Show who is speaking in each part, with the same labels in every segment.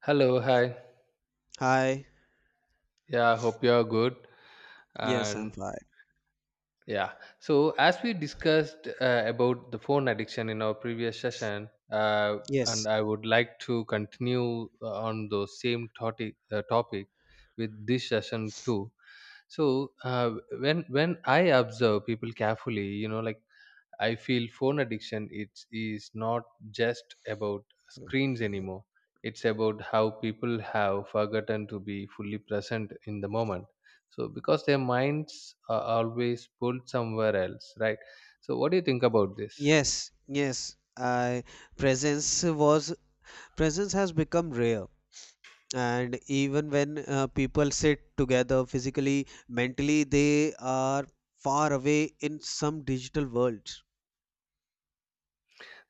Speaker 1: Hello, hi.
Speaker 2: Hi.
Speaker 1: Yeah, hope you're good.
Speaker 2: Yes, I'm
Speaker 1: And
Speaker 2: fine.
Speaker 1: yeah, so as we discussed about the phone addiction in our previous session, and
Speaker 2: Yes.
Speaker 1: I would like to continue on the same topic with this session too. So when I observe people carefully, like I feel phone addiction is not just about screens anymore. It's about how people have forgotten to be fully present in the moment. So, because their minds are always pulled somewhere else, right? So, what do you think about this?
Speaker 2: Yes. I presence was presence has become rare. And even when people sit together physically, mentally, they are far away in some digital worlds.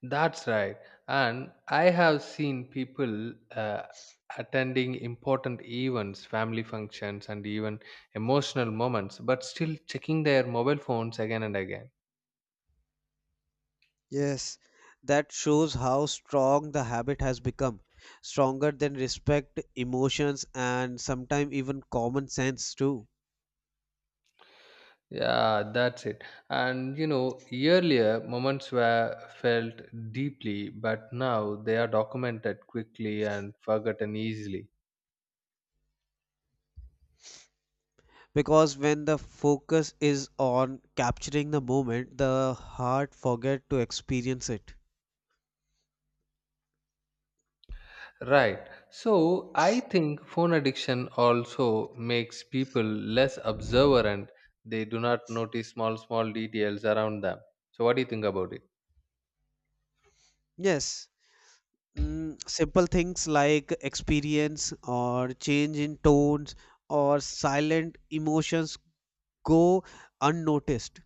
Speaker 1: That's right. And I have seen people attending important events, family functions, and even emotional moments, but still checking their mobile phones again and again.
Speaker 2: Yes, that shows how strong the habit has become, stronger than respect, emotions, and sometimes even common sense too.
Speaker 1: Yeah, that's it. And earlier moments were felt deeply, but now they are documented quickly and forgotten easily.
Speaker 2: Because when the focus is on capturing the moment, the heart forget to experience it.
Speaker 1: Right. So I think phone addiction also makes people less observant. They do not notice small, small details around them. So what do you think about it?
Speaker 2: Yes. Simple things like experience or change in tones or silent emotions go unnoticed.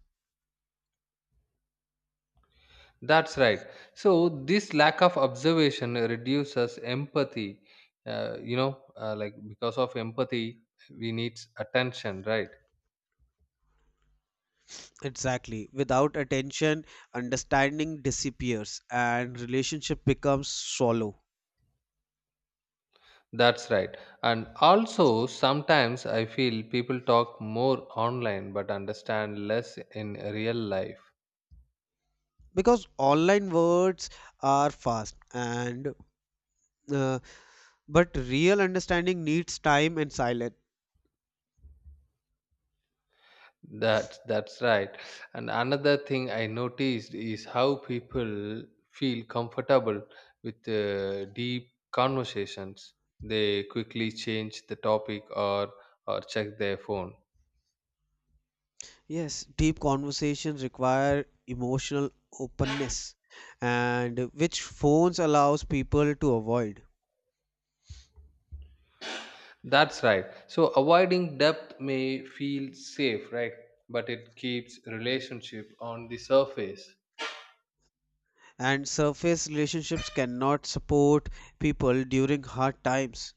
Speaker 1: That's right. So this lack of observation reduces empathy. Like because of empathy, we need attention, right?
Speaker 2: Exactly. Without attention, understanding disappears and relationship becomes shallow.
Speaker 1: That's right. And also, sometimes I feel people talk more online but understand less in real life.
Speaker 2: Because online words are fast and uh, but real understanding needs time and silence.
Speaker 1: That's right. And another thing I noticed is how people feel comfortable with deep conversations. They quickly change the topic or check their phone.
Speaker 2: Yes, deep conversations require emotional openness, and which phones allows people to avoid.
Speaker 1: That's right. So avoiding depth may feel safe, right? But it keeps relationship on the surface.
Speaker 2: And surface relationships cannot support people during hard times.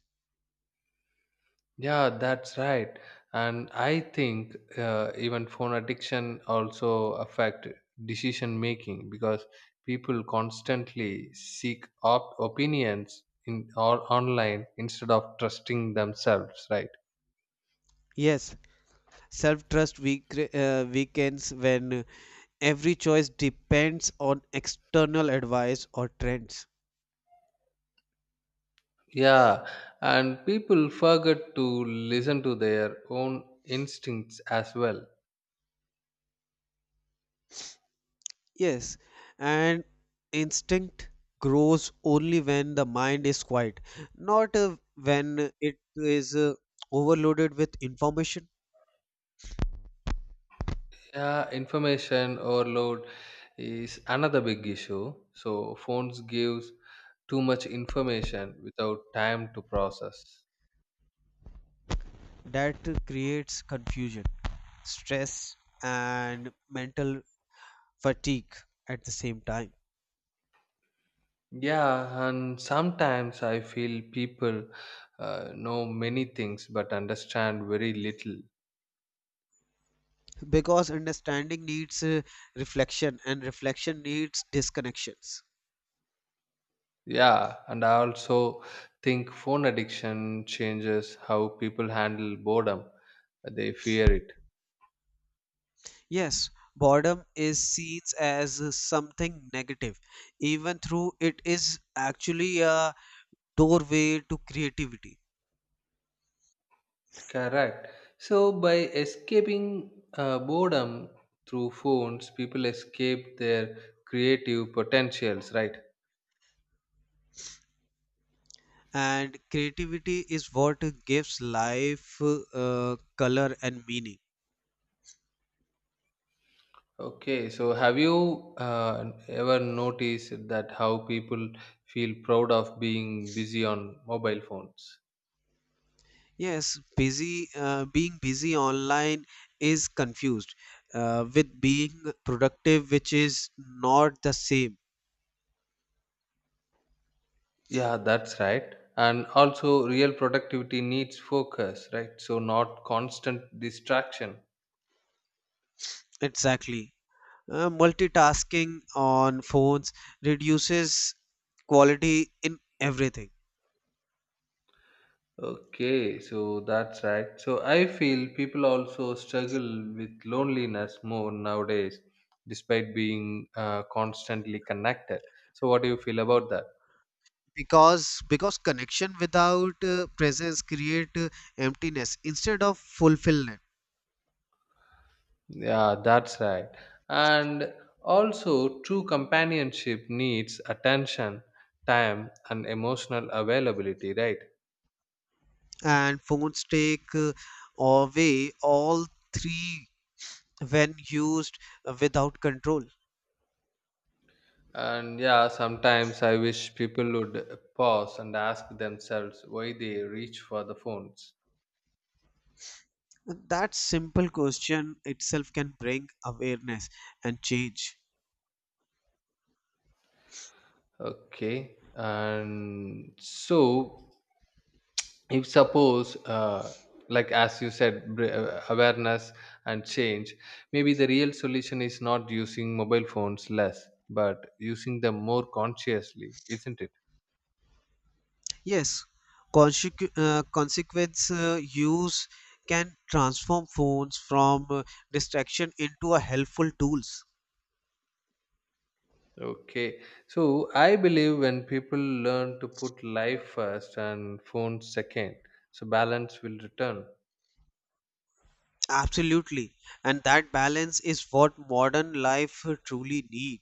Speaker 1: Yeah, that's right. And I think even phone addiction also affect decision making because people constantly seek opinions in or online instead of trusting themselves, right?
Speaker 2: Yes, self-trust weak, weakens when every choice depends on external advice or trends.
Speaker 1: Yeah, and people forget to listen to their own instincts as well.
Speaker 2: Yes, and instinct grows only when the mind is quiet, not when it is overloaded with information.
Speaker 1: Yeah, information overload is another big issue. So phones gives too much information without time to process.
Speaker 2: That creates confusion, stress, and mental fatigue at the same time.
Speaker 1: Yeah, and sometimes I feel people know many things but understand very little.
Speaker 2: Because understanding needs reflection, and reflection needs disconnections.
Speaker 1: Yeah, and I also think phone addiction changes how people handle boredom. They fear it.
Speaker 2: Yes, boredom is seen as something negative, even though it is actually a doorway to creativity.
Speaker 1: Correct. So by escaping boredom through phones, people escape their creative potentials, right?
Speaker 2: And creativity is what gives life color and meaning.
Speaker 1: Okay, so have you ever noticed that how people feel proud of being busy on mobile phones?
Speaker 2: Yes, busy being busy online is confused with being productive, which is not the same.
Speaker 1: Yeah, that's right. And also, real productivity needs focus, right? So, not constant distraction.
Speaker 2: Exactly. Multitasking on phones reduces quality in everything.
Speaker 1: Okay, so that's right. So, I feel people also struggle with loneliness more nowadays, despite being constantly connected. So, what do you feel about that?
Speaker 2: Because connection without presence create emptiness instead of fulfillment.
Speaker 1: Yeah, that's right. And also, true companionship needs attention, time, and emotional availability, right?
Speaker 2: And phones take away all three when used without control.
Speaker 1: And yeah, sometimes I wish people would pause and ask themselves why they reach for the phones.
Speaker 2: That simple question itself can bring awareness and change.
Speaker 1: Okay. And so if suppose, like as you said, awareness and change, maybe the real solution is not using mobile phones less but using them more consciously, isn't it?
Speaker 2: Yes, consequence use can transform phones from distraction into a helpful tools.
Speaker 1: Okay, so I believe when people learn to put life first and phone second, so balance will return.
Speaker 2: Absolutely. And that balance is what modern life truly need.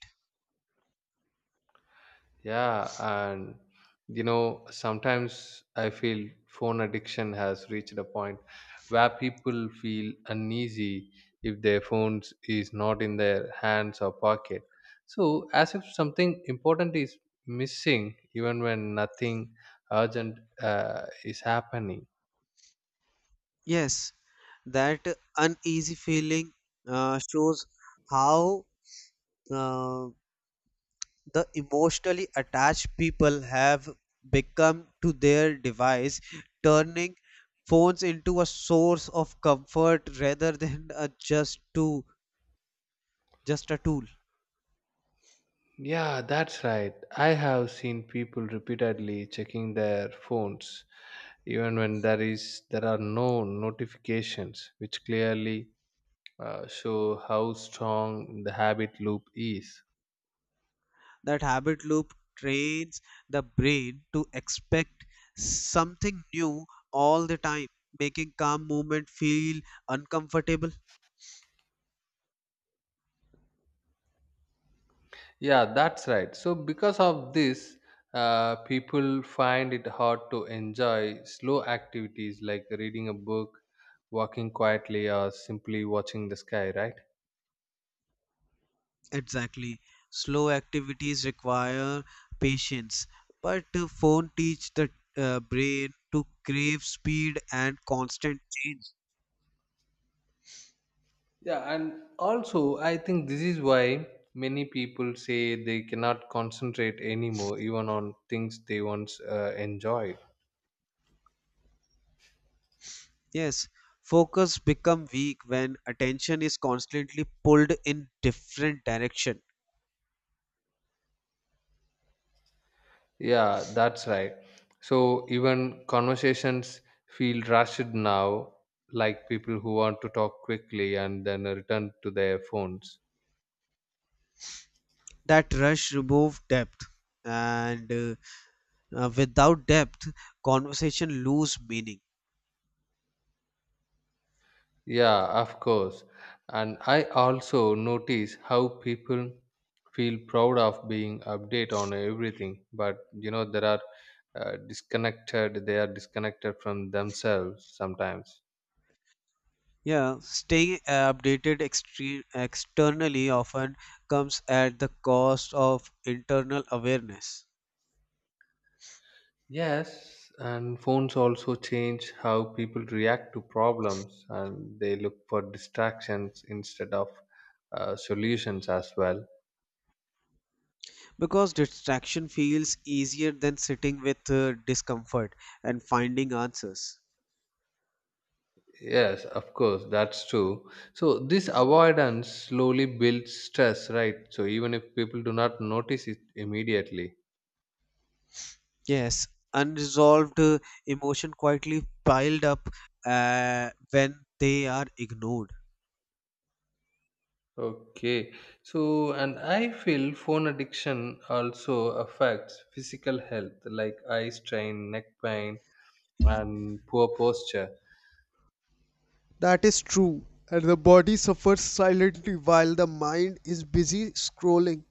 Speaker 1: Yeah, and sometimes I feel phone addiction has reached a point where people feel uneasy if their phones is not in their hands or pocket. So, as if something important is missing, even when nothing urgent is happening.
Speaker 2: Yes, that uneasy feeling shows how uh, the emotionally attached people have become to their device, turning phones into a source of comfort rather than a just to just a tool.
Speaker 1: Yeah, that's right. I have seen people repeatedly checking their phones even when there are no notifications which clearly show how strong the habit loop is.
Speaker 2: That habit loop trains the brain to expect something new all the time, making calm movement feel uncomfortable.
Speaker 1: Yeah, that's right. So, because of this, people find it hard to enjoy slow activities like reading a book, walking quietly, or simply watching the sky, right?
Speaker 2: Exactly. Slow activities require patience, but phone teach the brain to crave speed and constant change.
Speaker 1: Yeah, and also, I think this is why many people say they cannot concentrate anymore, even on things they once enjoyed.
Speaker 2: Yes, focus become weak when attention is constantly pulled in different direction.
Speaker 1: Yeah, that's right. So even conversations feel rushed now, like people who want to talk quickly and then return to their phones.
Speaker 2: That rush remove depth, and without depth, conversation lose meaning.
Speaker 1: Yeah, of course. And I also notice how people feel proud of being update on everything, but they are disconnected from themselves sometimes.
Speaker 2: Yeah, staying updated externally often comes at the cost of internal awareness.
Speaker 1: Yes, and phones also change how people react to problems and they look for distractions instead of solutions as well.
Speaker 2: Because distraction feels easier than sitting with discomfort and finding answers.
Speaker 1: Yes, of course, that's true. So, this avoidance slowly builds stress, right? So, even if people do not notice it immediately.
Speaker 2: Yes, unresolved emotion quietly piled up when they are ignored.
Speaker 1: Okay, so and I feel phone addiction also affects physical health like eye strain, neck pain, and poor posture.
Speaker 2: That is true, and the body suffers silently while the mind is busy scrolling.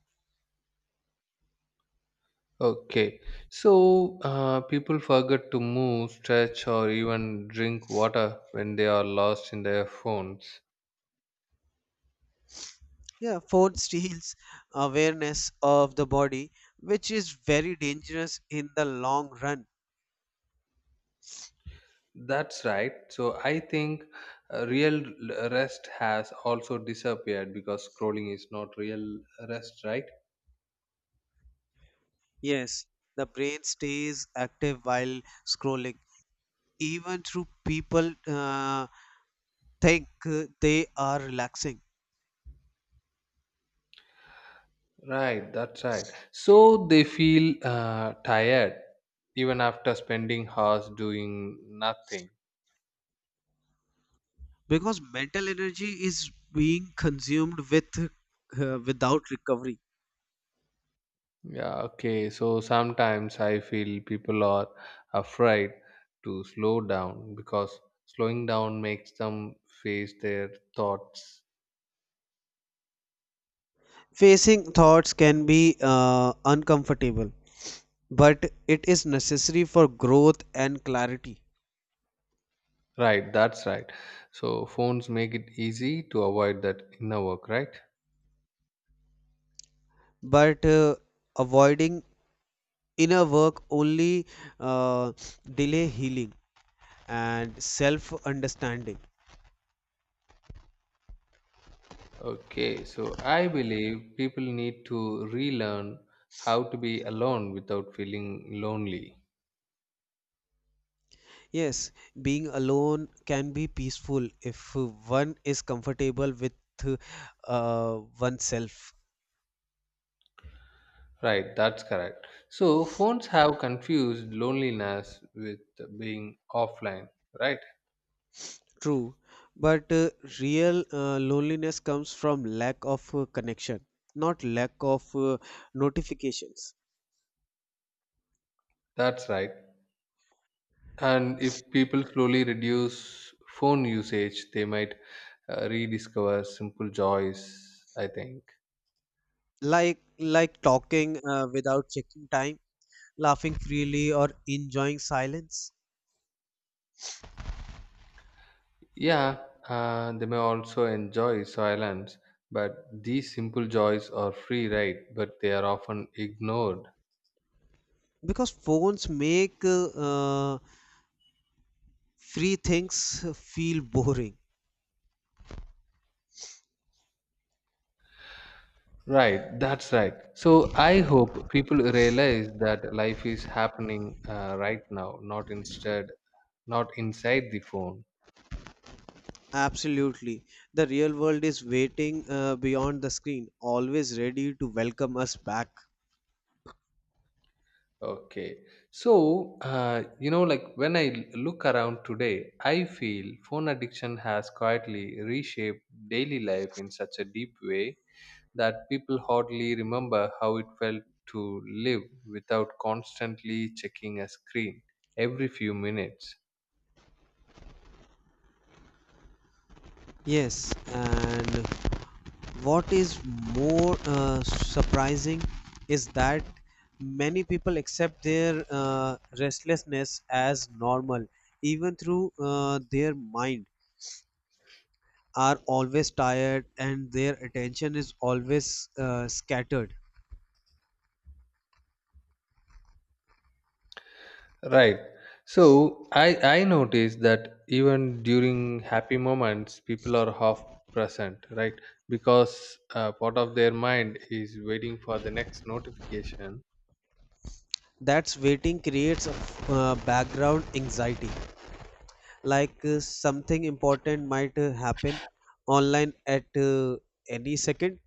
Speaker 1: Okay, so people forget to move, stretch, or even drink water when they are lost in their phones.
Speaker 2: Yeah, fourth steals awareness of the body, which is very dangerous in the long run.
Speaker 1: That's right. So I think real rest has also disappeared because scrolling is not real rest, right?
Speaker 2: Yes, the brain stays active while scrolling, even through people think they are relaxing.
Speaker 1: Right, that's right. So they feel tired even after spending hours doing nothing.
Speaker 2: Because mental energy is being consumed with without recovery.
Speaker 1: Yeah, okay. So sometimes I feel people are afraid to slow down because slowing down makes them face their thoughts.
Speaker 2: Facing thoughts can be uncomfortable, but it is necessary for growth and clarity.
Speaker 1: Right, that's right. So phones make it easy to avoid that inner work, right?
Speaker 2: But avoiding inner work only uh, delay healing and self understanding.
Speaker 1: Okay, so I believe people need to relearn how to be alone without feeling lonely.
Speaker 2: Yes, being alone can be peaceful if one is comfortable with oneself.
Speaker 1: Right, that's correct. So phones have confused loneliness with being offline, right?
Speaker 2: True, but real loneliness comes from lack of connection, not lack of notifications.
Speaker 1: That's right. And if people slowly reduce phone usage they might rediscover simple joys, I think.
Speaker 2: Like like talking without checking time, laughing freely, or enjoying silence.
Speaker 1: Yeah, they may also enjoy silence, but these simple joys are free, right? But they are often ignored.
Speaker 2: Because phones make free things feel boring.
Speaker 1: Right, that's right. So I hope people realize that life is happening right now, not instead, not inside the phone.
Speaker 2: Absolutely. The real world is waiting beyond the screen, always ready to welcome us back.
Speaker 1: Okay. So, like when I look around today, I feel phone addiction has quietly reshaped daily life in such a deep way that people hardly remember how it felt to live without constantly checking a screen every few minutes.
Speaker 2: Yes, and what is more surprising is that many people accept their restlessness as normal, even through their mind are always tired and their attention is always scattered.
Speaker 1: Right. So I notice that even during happy moments, people are half present, right? Because part of their mind is waiting for the next notification.
Speaker 2: That's waiting creates a background anxiety, like something important might happen online at any second.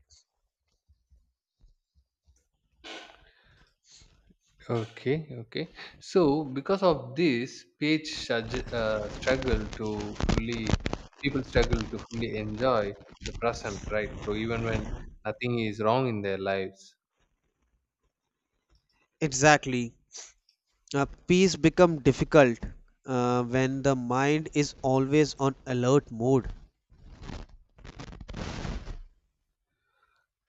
Speaker 1: Okay, okay. So because of this, page sug- struggle to fully people struggle to fully enjoy the present, right? So even when nothing is wrong in their lives.
Speaker 2: Exactly. Peace become difficult when the mind is always on alert mode.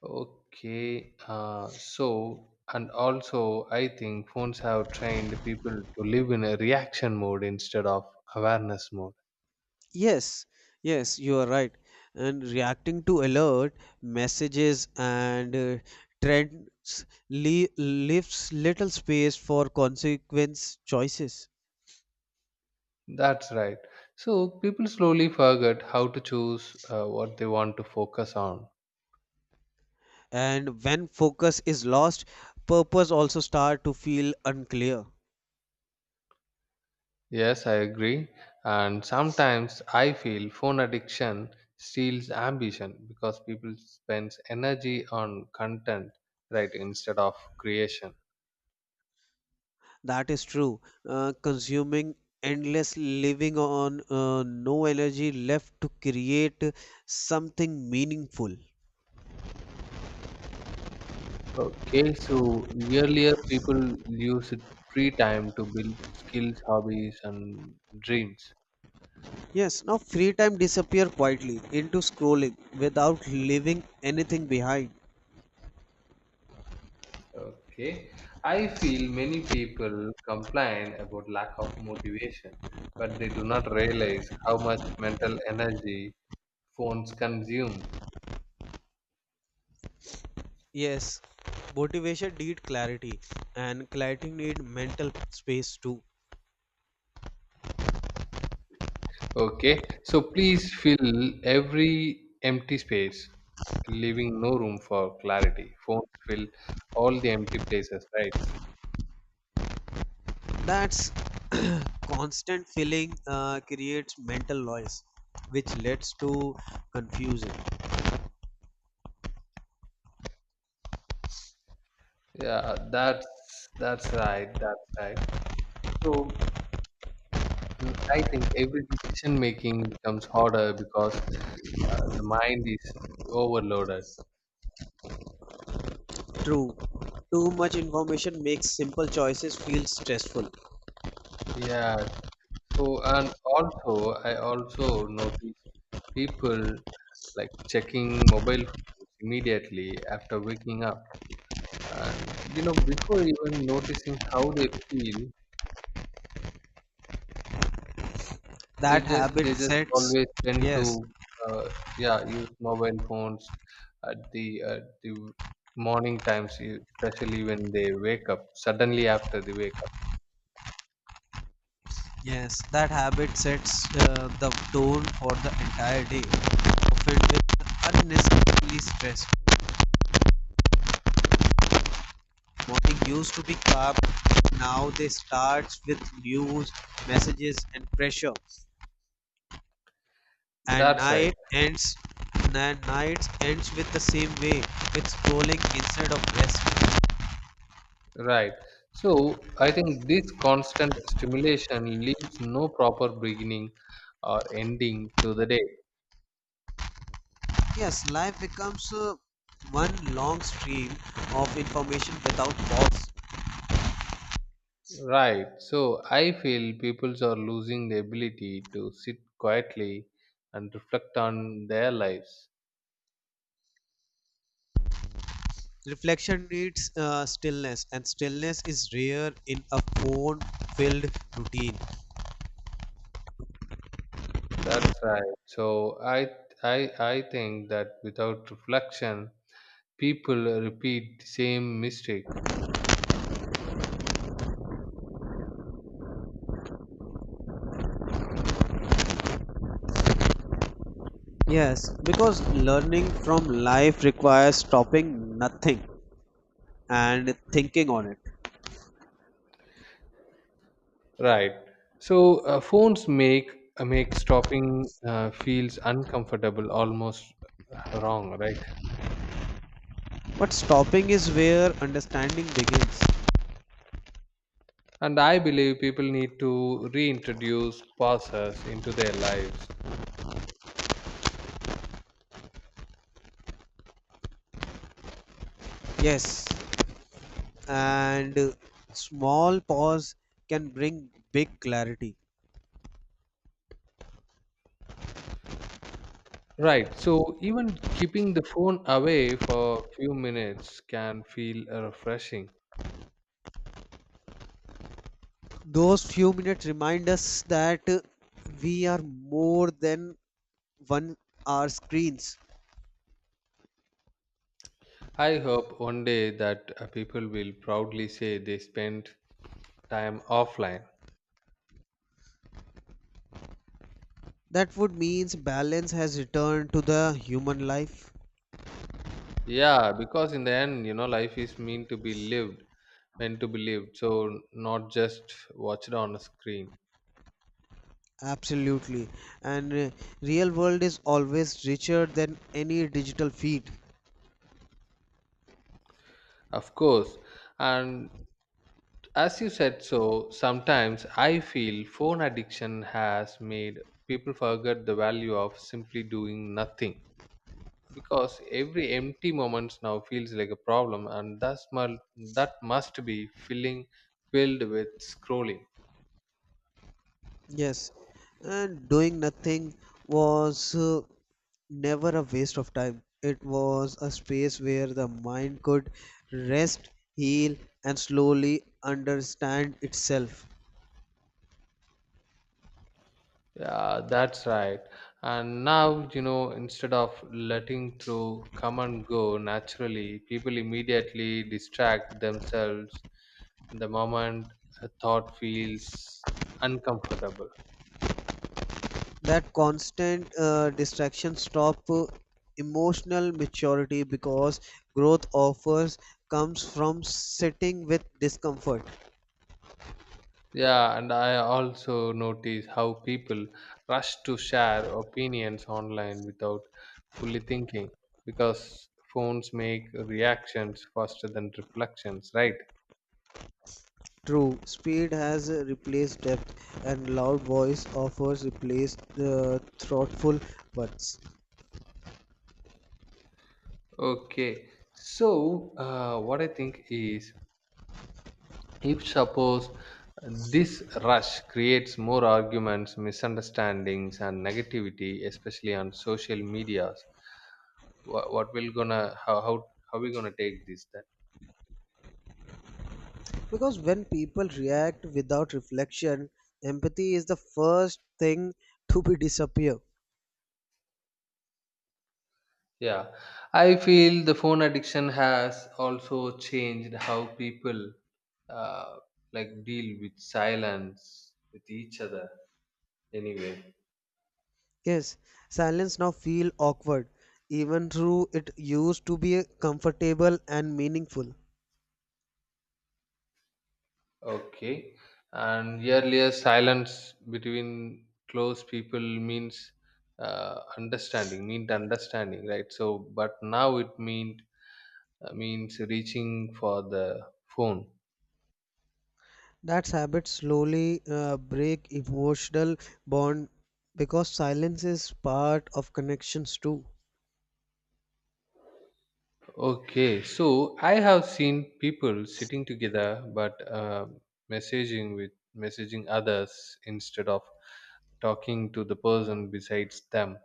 Speaker 1: Okay, so and also I think phones have trained people to live in a reaction mode instead of awareness mode.
Speaker 2: Yes, yes, you are right. And reacting to alert messages and trends le- leaves little space for consequence choices.
Speaker 1: That's right. So people slowly forget how to choose what they want to focus on.
Speaker 2: And when focus is lost, purpose also start to feel unclear.
Speaker 1: Yes, I agree. And sometimes I feel phone addiction steals ambition because people spends energy on content, right, instead of creation.
Speaker 2: That is true. Consuming endless living on no energy left to create something meaningful.
Speaker 1: Okay, so earlier people used free time to build skills, hobbies, and dreams.
Speaker 2: Yes, now free time disappear quietly into scrolling without leaving anything behind.
Speaker 1: Okay, I feel many people complain about lack of motivation, but they do not realize how much mental energy phones consume.
Speaker 2: Yes, motivation need clarity, and clarity need mental space too.
Speaker 1: Okay, so please fill every empty space, leaving no room for clarity. Phones fill all the empty places, right?
Speaker 2: That's constant filling creates mental noise, which leads to confusion.
Speaker 1: Yeah, that's right. That's right. So I think every decision making becomes harder because the mind is overloaded.
Speaker 2: True. Too much information makes simple choices feel stressful.
Speaker 1: Yes. So and also I also notice people like checking mobile phones immediately after waking up, and before even noticing how they feel, they
Speaker 2: That
Speaker 1: just
Speaker 2: habit
Speaker 1: they just
Speaker 2: sets,
Speaker 1: always tend to,
Speaker 2: yes,
Speaker 1: uh, yeah, use mobile phones at the at the morning times, especially when they wake up, suddenly after they wake up.
Speaker 2: yes, that habit sets the tone for the entire day, often with unnecessarily stress. Morning used to be calm, now they start with news, messages, and pressure. and
Speaker 1: That's right.
Speaker 2: night ends and night ends with the same way, with scrolling instead of rest.
Speaker 1: Right, so I think this constant stimulation leaves no proper beginning or ending to the day,
Speaker 2: Yes, life becomes one long stream of information without pause.
Speaker 1: right? So I feel peoples are losing the ability to sit quietly and reflect on their lives.
Speaker 2: Reflection needs stillness, and stillness is rare in a phone filled routine.
Speaker 1: That's right. So I think that without reflection, people repeat the same mistake.
Speaker 2: Yes, because learning from life requires stopping nothing and thinking on it.
Speaker 1: Right. So phones make stopping feels uncomfortable, almost wrong, right?
Speaker 2: But stopping is where understanding begins.
Speaker 1: And I believe people need to reintroduce pauses into their lives.
Speaker 2: Yes, and small pause can bring big clarity.
Speaker 1: Right. So even keeping the phone away for a few minutes can feel refreshing.
Speaker 2: Those few minutes remind us that we are more than one our screens.
Speaker 1: I hope one day that people will proudly say they spent time offline.
Speaker 2: That would means balance has returned to the human life.
Speaker 1: Yeah, because in the end, life is meant to be lived, meant to be lived, so not just watched on a screen.
Speaker 2: Absolutely, and real world is always richer than any digital feed.
Speaker 1: Of course, and as you said so, sometimes I feel phone addiction has made people forget the value of simply doing nothing because every empty moments now feels like a problem and that must be filling filled with scrolling.
Speaker 2: Yes, and doing nothing was never a waste of time. It was a space where the mind could rest, heal, and slowly understand itself.
Speaker 1: Yeah, that's right. And now, instead of letting through come and go naturally, people immediately distract themselves the moment a thought feels uncomfortable.
Speaker 2: That constant distraction stop emotional maturity, because growth offers comes from sitting with discomfort.
Speaker 1: Yeah, and I also notice how people rush to share opinions online without fully thinking, because phones make reactions faster than reflections, right?
Speaker 2: True, speed has replaced depth, and loud voice offers replaced thoughtful words.
Speaker 1: Okay, so what I think is, if suppose this rush creates more arguments, misunderstandings, and negativity, especially on social medias, what will gonna, how we gonna take this then?
Speaker 2: Because when people react without reflection, empathy is the first thing to be disappear.
Speaker 1: Yeah, I feel the phone addiction has also changed how people uh, like deal with silence with each other. Anyway,
Speaker 2: Yes, silence now feel awkward, even though it used to be comfortable and meaningful.
Speaker 1: okay, and earlier silence between close people meant understanding, right? So, but now it means reaching for the phone.
Speaker 2: That habit slowly break emotional bond, because silence is part of connections too.
Speaker 1: Okay, so I have seen people sitting together but messaging with messaging others instead of talking to the person besides them.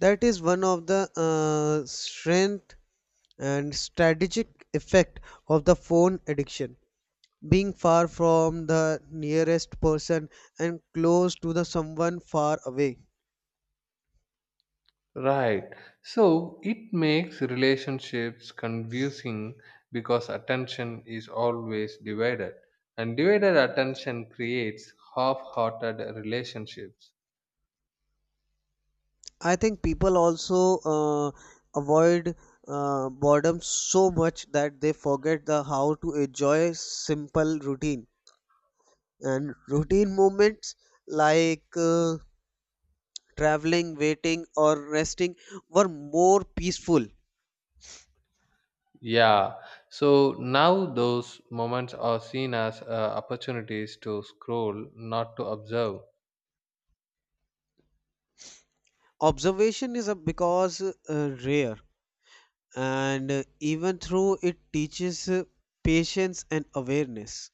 Speaker 2: That is one of the strength and strategic effect of the phone addiction. Being far from the nearest person and close to the someone far away.
Speaker 1: Right. So it makes relationships confusing because attention is always divided, and divided attention creates half-hearted relationships.
Speaker 2: I think people also avoid boredom so much that they forget the how to enjoy simple routine and routine moments, like traveling, waiting, or resting were more peaceful.
Speaker 1: Yeah, so now those moments are seen as opportunities to scroll, not to observe.
Speaker 2: Observation is a because rare, and even through it teaches patience and awareness.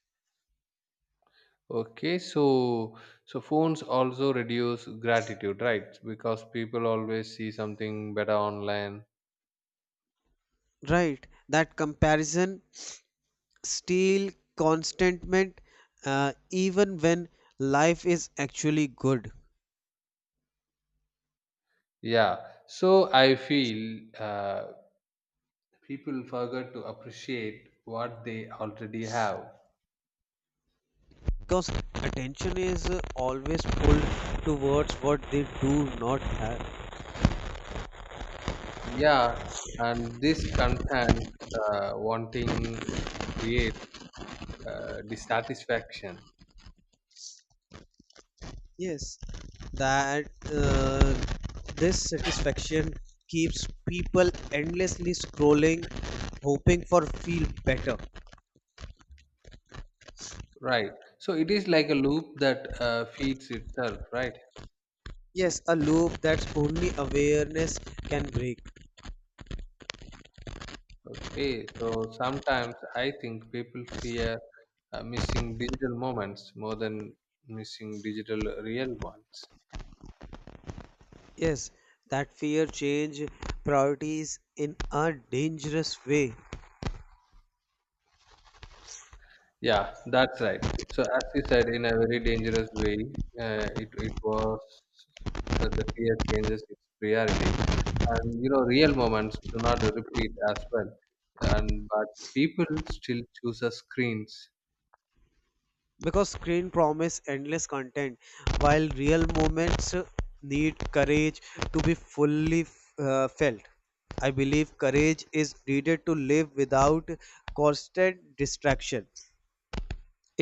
Speaker 1: Okay, so phones also reduce gratitude, right? Because people always see something better online.
Speaker 2: Right, that comparison still contentment even when life is actually good.
Speaker 1: Yeah, so I feel people forget to appreciate what they already have.
Speaker 2: Because attention is always pulled towards what they do not have.
Speaker 1: Yeah, and this content wanting creates dissatisfaction.
Speaker 2: Yes, that this satisfaction keeps people endlessly scrolling, hoping for feel better.
Speaker 1: Right. So it is like a loop that feeds itself, right?
Speaker 2: Yes, a loop that's only awareness can break.
Speaker 1: Okay. So sometimes I think people fear missing digital moments more than missing digital real ones.
Speaker 2: Yes, that fear change priorities in a dangerous way.
Speaker 1: Yeah, that's right. So as you said, in a very dangerous way, it it was the fear changes its priorities, and real moments do not repeat as well, and but people still choose a screens.
Speaker 2: Because screen promise endless content while real moments need courage to be fully felt. I believe courage is needed to live without constant distraction.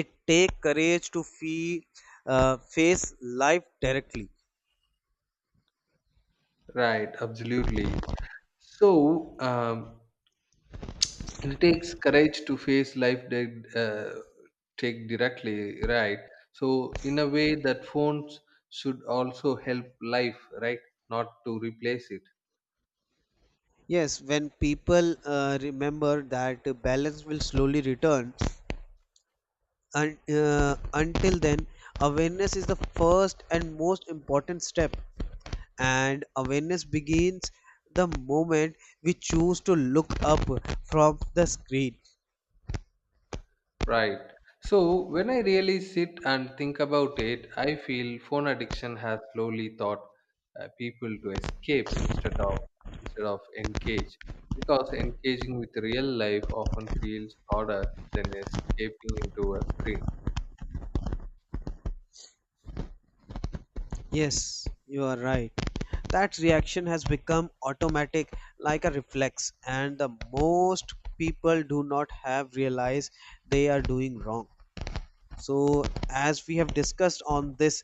Speaker 2: It take courage to face life directly.
Speaker 1: Right, absolutely. So it takes courage to face life that uh, take directly, right? So in a way that phones should also help life, right? Not to replace it,
Speaker 2: Yes, when people remember that balance will slowly return, and until then awareness is the first and most important step, and awareness begins the moment we choose to look up from the screen.
Speaker 1: right? So when I really sit and think about it, I feel phone addiction has slowly taught people to escape instead of engage, because engaging with real life often feels harder than escaping into a screen.
Speaker 2: Yes, you are right. That reaction has become automatic like a reflex, and the most people do not have realized they are doing wrong. So, as we have discussed on this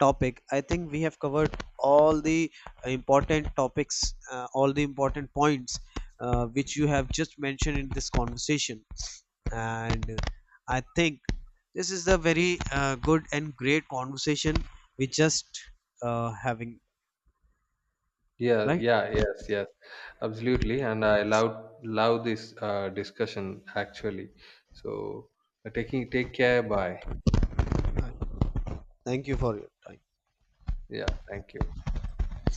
Speaker 2: topic, I think we have covered all the important topics, all the important points which you have just mentioned in this conversation. And I think this is a very good and great conversation we just having,
Speaker 1: Yeah,
Speaker 2: right?
Speaker 1: yeah, yes, yes, absolutely. And I love this discussion actually. So, taking take care. Bye.
Speaker 2: Right. Thank you for your time.
Speaker 1: Yeah, thank you.